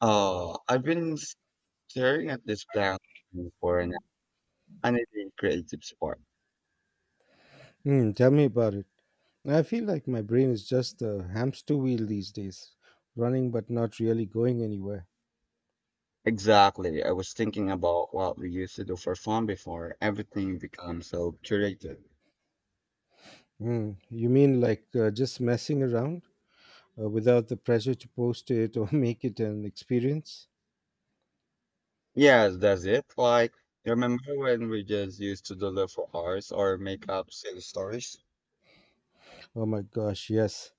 Oh, I've been staring at this blank screen for an unending creative spark. Mm, tell me about it. I feel like my brain is just a hamster wheel these days, running but not really going anywhere. Exactly. I was thinking about what we used to do for fun before everything becomes so curated. Mm, you mean like just messing around without the pressure to post it or make it an experience? Yes, that's it. Like, you remember when we just used to do for hours or make up silly stories? Oh my gosh, yes.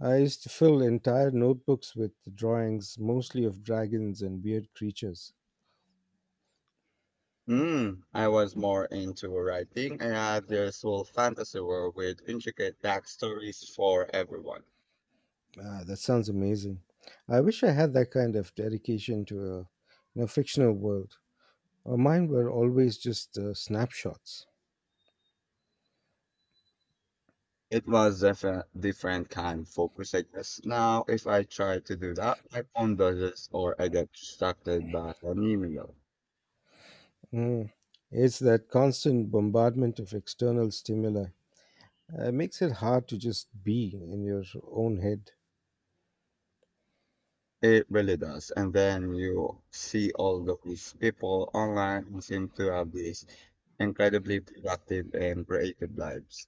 I used to fill entire notebooks with drawings, mostly of dragons and weird creatures. Hmm. I was more into writing and I had this whole fantasy world with intricate backstories for everyone. Ah, that sounds amazing. I wish I had that kind of dedication to a fictional world. Mine were always just snapshots. It was a different kind of focus, I guess. Now, if I try to do that, my phone does this, or I get distracted by an email. Mm. It's that constant bombardment of external stimuli. It makes it hard to just be in your own head, It really does. And then you see all of these people online who seem to have these incredibly productive and creative lives.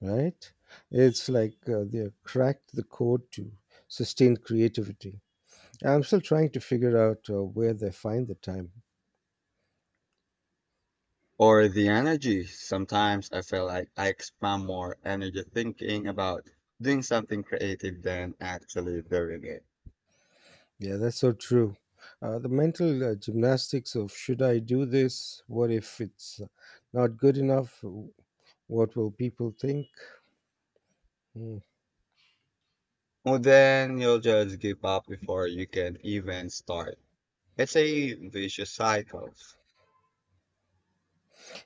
right? It's like they cracked the code to sustain creativity. I'm still trying to figure out where they find the time. Or the energy. Sometimes I feel like I expend more energy thinking about doing something creative than actually doing it. Yeah, that's so true. The mental gymnastics of should I do this? What if it's not good enough? What will people think? Hmm. Well, then you'll just give up before you can even start. It's a vicious cycle.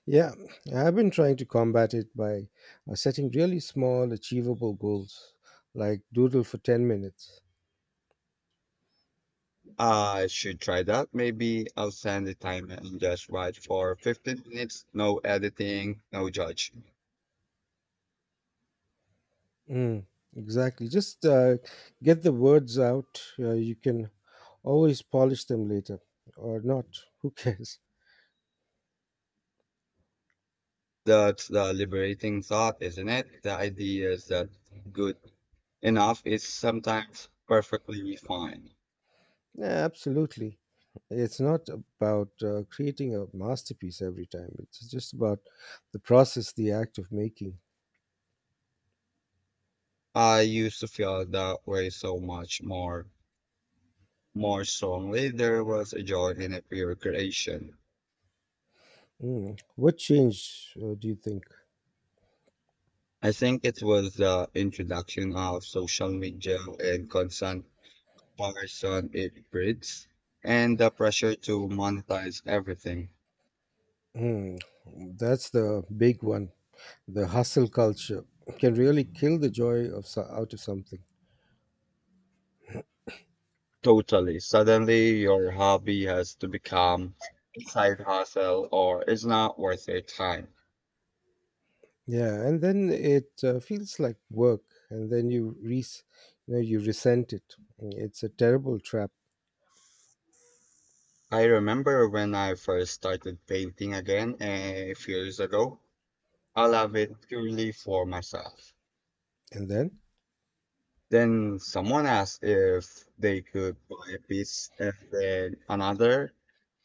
Yeah, I've been trying to combat it by setting really small, achievable goals, like doodle for 10 minutes. I should try that. Maybe I'll send the timer and just write for 15 minutes. No editing, no judge. Mm, exactly. Just get the words out. You can always polish them later or not. Who cares? That's the liberating thought, isn't it? The idea is that good enough is sometimes perfectly fine. Yeah, absolutely. It's not about creating a masterpiece every time, it's just about the process, the act of making. I used to feel that way so much more, more strongly. There was a joy in a pure creation. Mm. What change do you think? I think it was the introduction of social media and constant comparison it breeds, and the pressure to monetize everything. Mm, that's the big one. The hustle culture can really kill the joy of so- out of something. Totally. Suddenly, your hobby has to become a side hustle or it's not worth your time. Yeah, and then it feels like work, and then you resent it. It's a terrible trap. I remember when I first started painting again a few years ago. I love it purely for myself. And then Then someone asked if they could buy a piece and then another.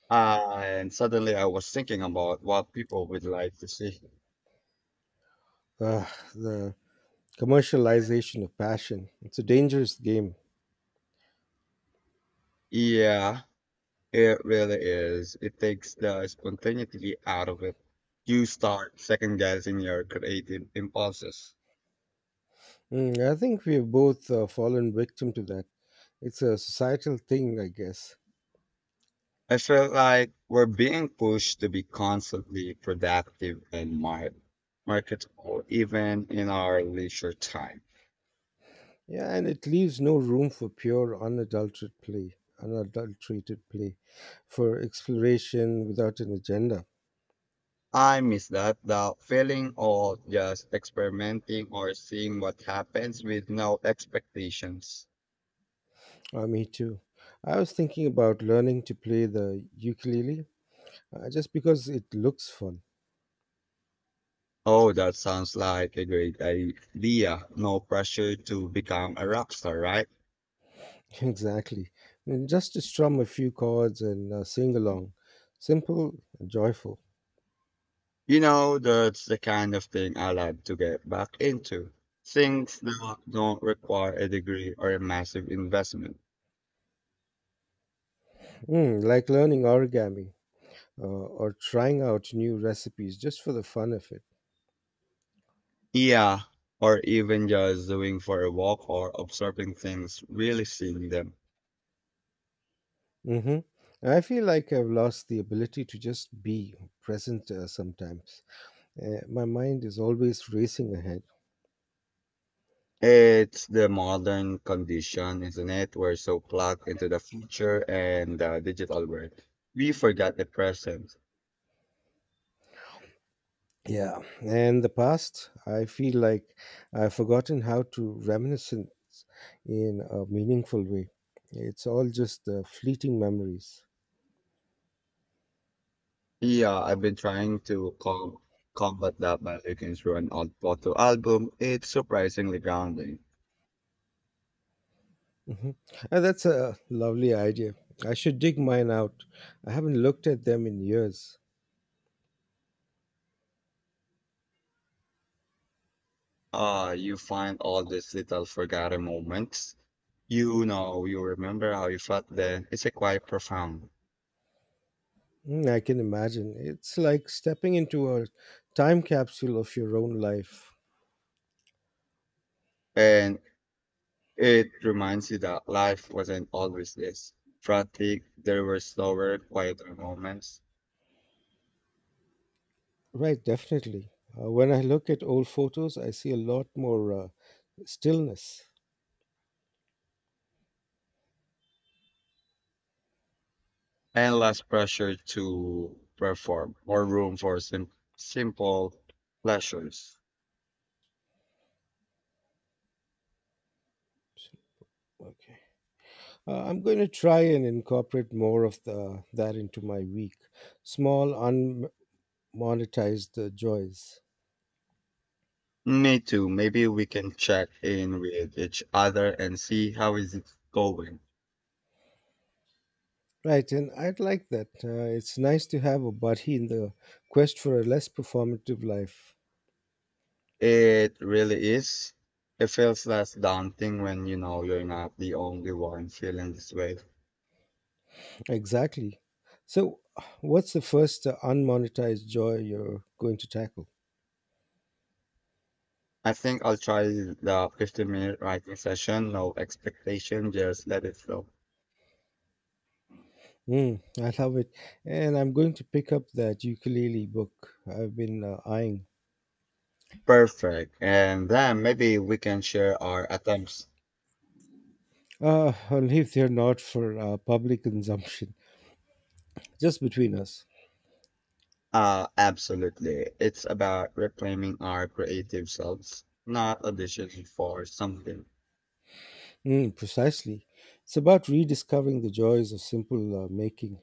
And suddenly I was thinking about what people would like to see. uh, the commercialization of passion, it's a dangerous game. Yeah, it really is. It takes the spontaneity out of it. You start second guessing your creative impulses. Mm, I think we've both fallen victim to that. It's a societal thing, I guess. I feel like we're being pushed to be constantly productive and marketable, even in our leisure time. Yeah, and it leaves no room for pure, unadulterated play, for exploration without an agenda. I miss that, the feeling of just experimenting or seeing what happens with no expectations. Ah, me too. I was thinking about learning to play the ukulele just because it looks fun. Oh, that sounds like a great idea. No pressure to become a rock star, right? Exactly. And just to strum a few chords and sing along. Simple and joyful. You know, that's the kind of thing I love to get back into. Things that don't require a degree or a massive investment. Mm, like learning origami or trying out new recipes just for the fun of it. Yeah, or even just doing for a walk or observing things, really seeing them. Hmm. I feel like I've lost the ability to just be present sometimes. My mind is always racing ahead. It's the modern condition, isn't it? We're so plugged into the future and the digital world. We forgot the present. Yeah. And the past, I feel like I've forgotten how to reminisce in a meaningful way. It's all just fleeting memories. Yeah, I've been trying to combat that by looking through an old photo album. It's surprisingly grounding. Hmm. And that's a lovely idea. I should dig mine out. I haven't looked at them in years. You find all these little forgotten moments. You know, you remember how you felt then. It's a quite profound. Mm, I can imagine. It's like stepping into a time capsule of your own life. And it reminds you that life wasn't always this frantic. There were slower, quieter moments Right, definitely. When I look at old photos, I see a lot more stillness. and less pressure to perform, more room for simple pleasures. Okay. I'm going to try and incorporate more of that into my week. Small, unmonetized joys. Me too. Maybe we can check in with each other and see how is it going. Right, and I'd like that. It's nice to have a buddy in the quest for a less performative life. It really is. It feels less daunting when you know you're not the only one feeling this way. Exactly. So, what's the first unmonetized joy you're going to tackle? I think I'll try the 15-minute writing session. No expectation, just let it flow. Mm, I love it. And I'm going to pick up that ukulele book I've been eyeing. Perfect. And then maybe we can share our attempts. Only if they're not for public consumption, just between us. Absolutely. It's about reclaiming our creative selves, not auditioning for something. Mm, precisely. It's about rediscovering the joys of simple making.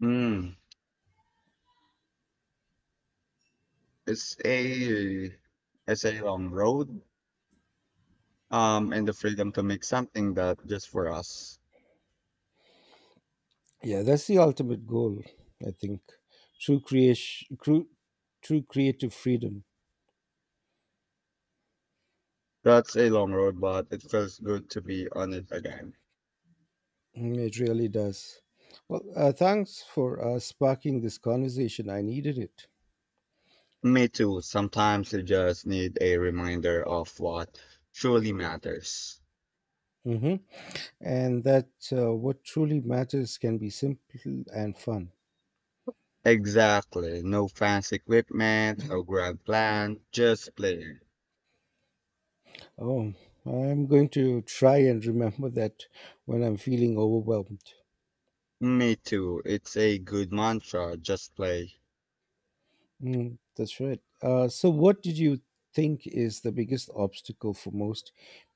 Hmm. It's a it's a long road, and the freedom to make something that just for us. Yeah, that's the ultimate goal, I think. True creation, true creative freedom. That's a long road, but it feels good to be on it again. Mm, it really does. Well, thanks for sparking this conversation. I needed it. Me too. Sometimes you just need a reminder of what truly matters. Hmm. And that what truly matters can be simple and fun. Exactly. No fancy equipment or grand plan. Just play. Oh, I'm going to try and remember that when I'm feeling overwhelmed. Me too. It's a good mantra. Just play. Mm, that's right. So, what did you think is the biggest obstacle for most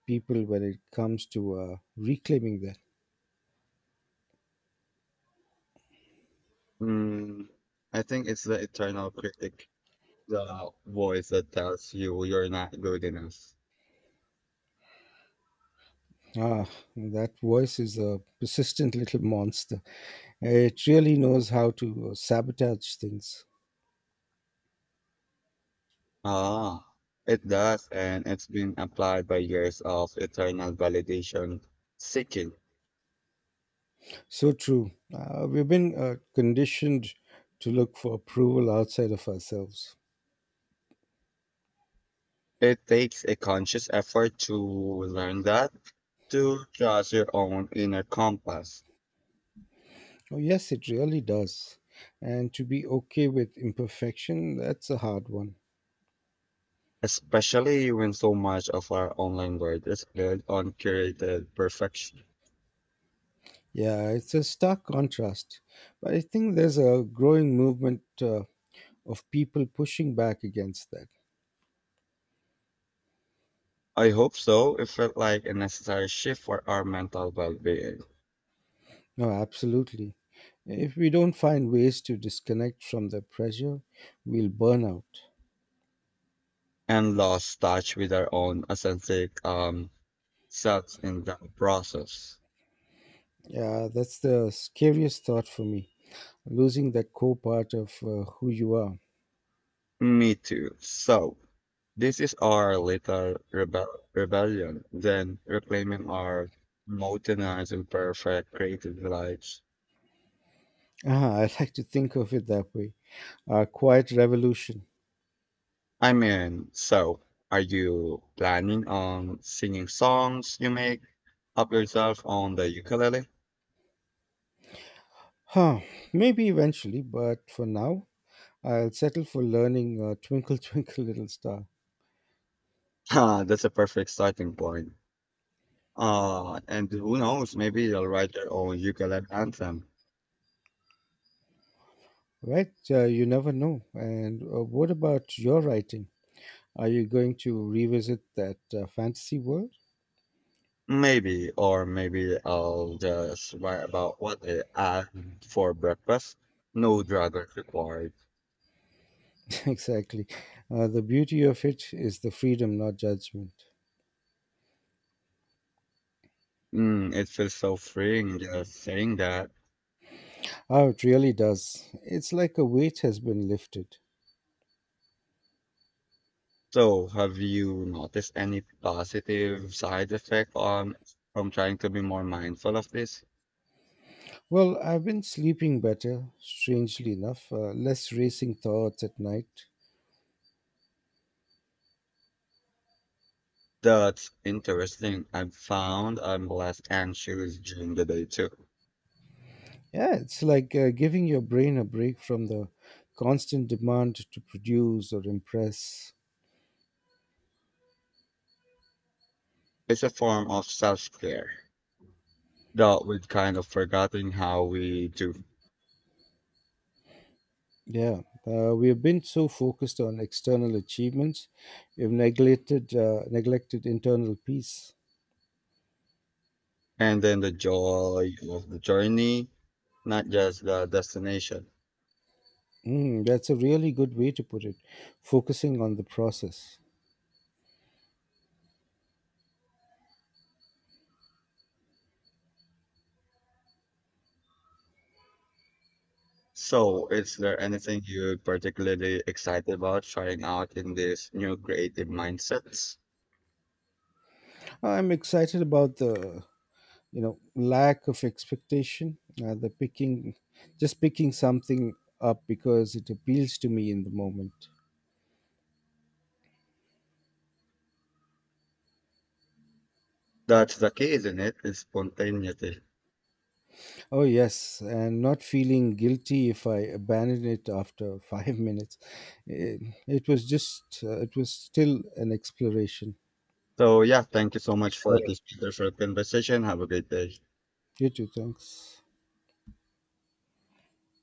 people when it comes to reclaiming that? Mm, I think it's the eternal critic. The voice that tells you you're not good enough. Ah, that voice is a persistent little monster. It really knows how to sabotage things. Ah, it does, and it's been applied by years of eternal validation seeking. So true. We've been conditioned to look for approval outside of ourselves. It takes a conscious effort to learn that, to trust your own inner compass, Oh, yes, it really does. And to be okay with imperfection, that's a hard one. especially when so much of our online world is built on curated perfection. Yeah, it's a stark contrast. But I think there's a growing movement of people pushing back against that. I hope so. It felt like a necessary shift for our mental well being No, absolutely. If we don't find ways to disconnect from the pressure, we'll burn out. and lost touch with our own authentic that's in the process. Yeah, that's the scariest thought for me, losing that core part of who you are. Me too. So, this is our little rebellion, then reclaiming our mountainized and perfect creative lives. Ah, I like to think of it that way. A quiet revolution. I mean, so are you planning on singing songs you make up yourself on the ukulele? Huh, maybe eventually, but for now, I'll settle for learning Twinkle Twinkle Little Star. Ah, that's a perfect starting point. And who knows, maybe you'll write your own ukulele anthem. Right? You never know. And what about your writing? Are you going to revisit that fantasy world? Maybe, or maybe I'll just write about what I had for breakfast. No druggers required. Exactly. The beauty of it is the freedom, not judgment. Mm, it feels so freeing just saying that. Oh, it really does. It's like a weight has been lifted. So, have you noticed any positive side effect on from trying to be more mindful of this? Well, I've been sleeping better, strangely enough, less racing thoughts at night. That's interesting. I've found I'm less anxious during the day too. Yeah, it's like giving your brain a break from the constant demand to produce or impress. It's a form of self-care that we've kind of forgotten how we do. Yeah, we have been so focused on external achievements, we've neglected neglected internal peace. And then the joy of the journey, not just the destination. Mm, that's a really good way to put it, focusing on the process. So, is there anything you're particularly excited about trying out in this new creative mindsets? I'm excited about the lack of expectation, the picking just picking something up because it appeals to me in the moment. That's the key, isn't it? It's spontaneity. Oh yes, and not feeling guilty if I abandon it after 5 minutes. it, it was just it was still an exploration. So, yeah, thank you so much All for right, this wonderful conversation. Have a great day. you too, thanks.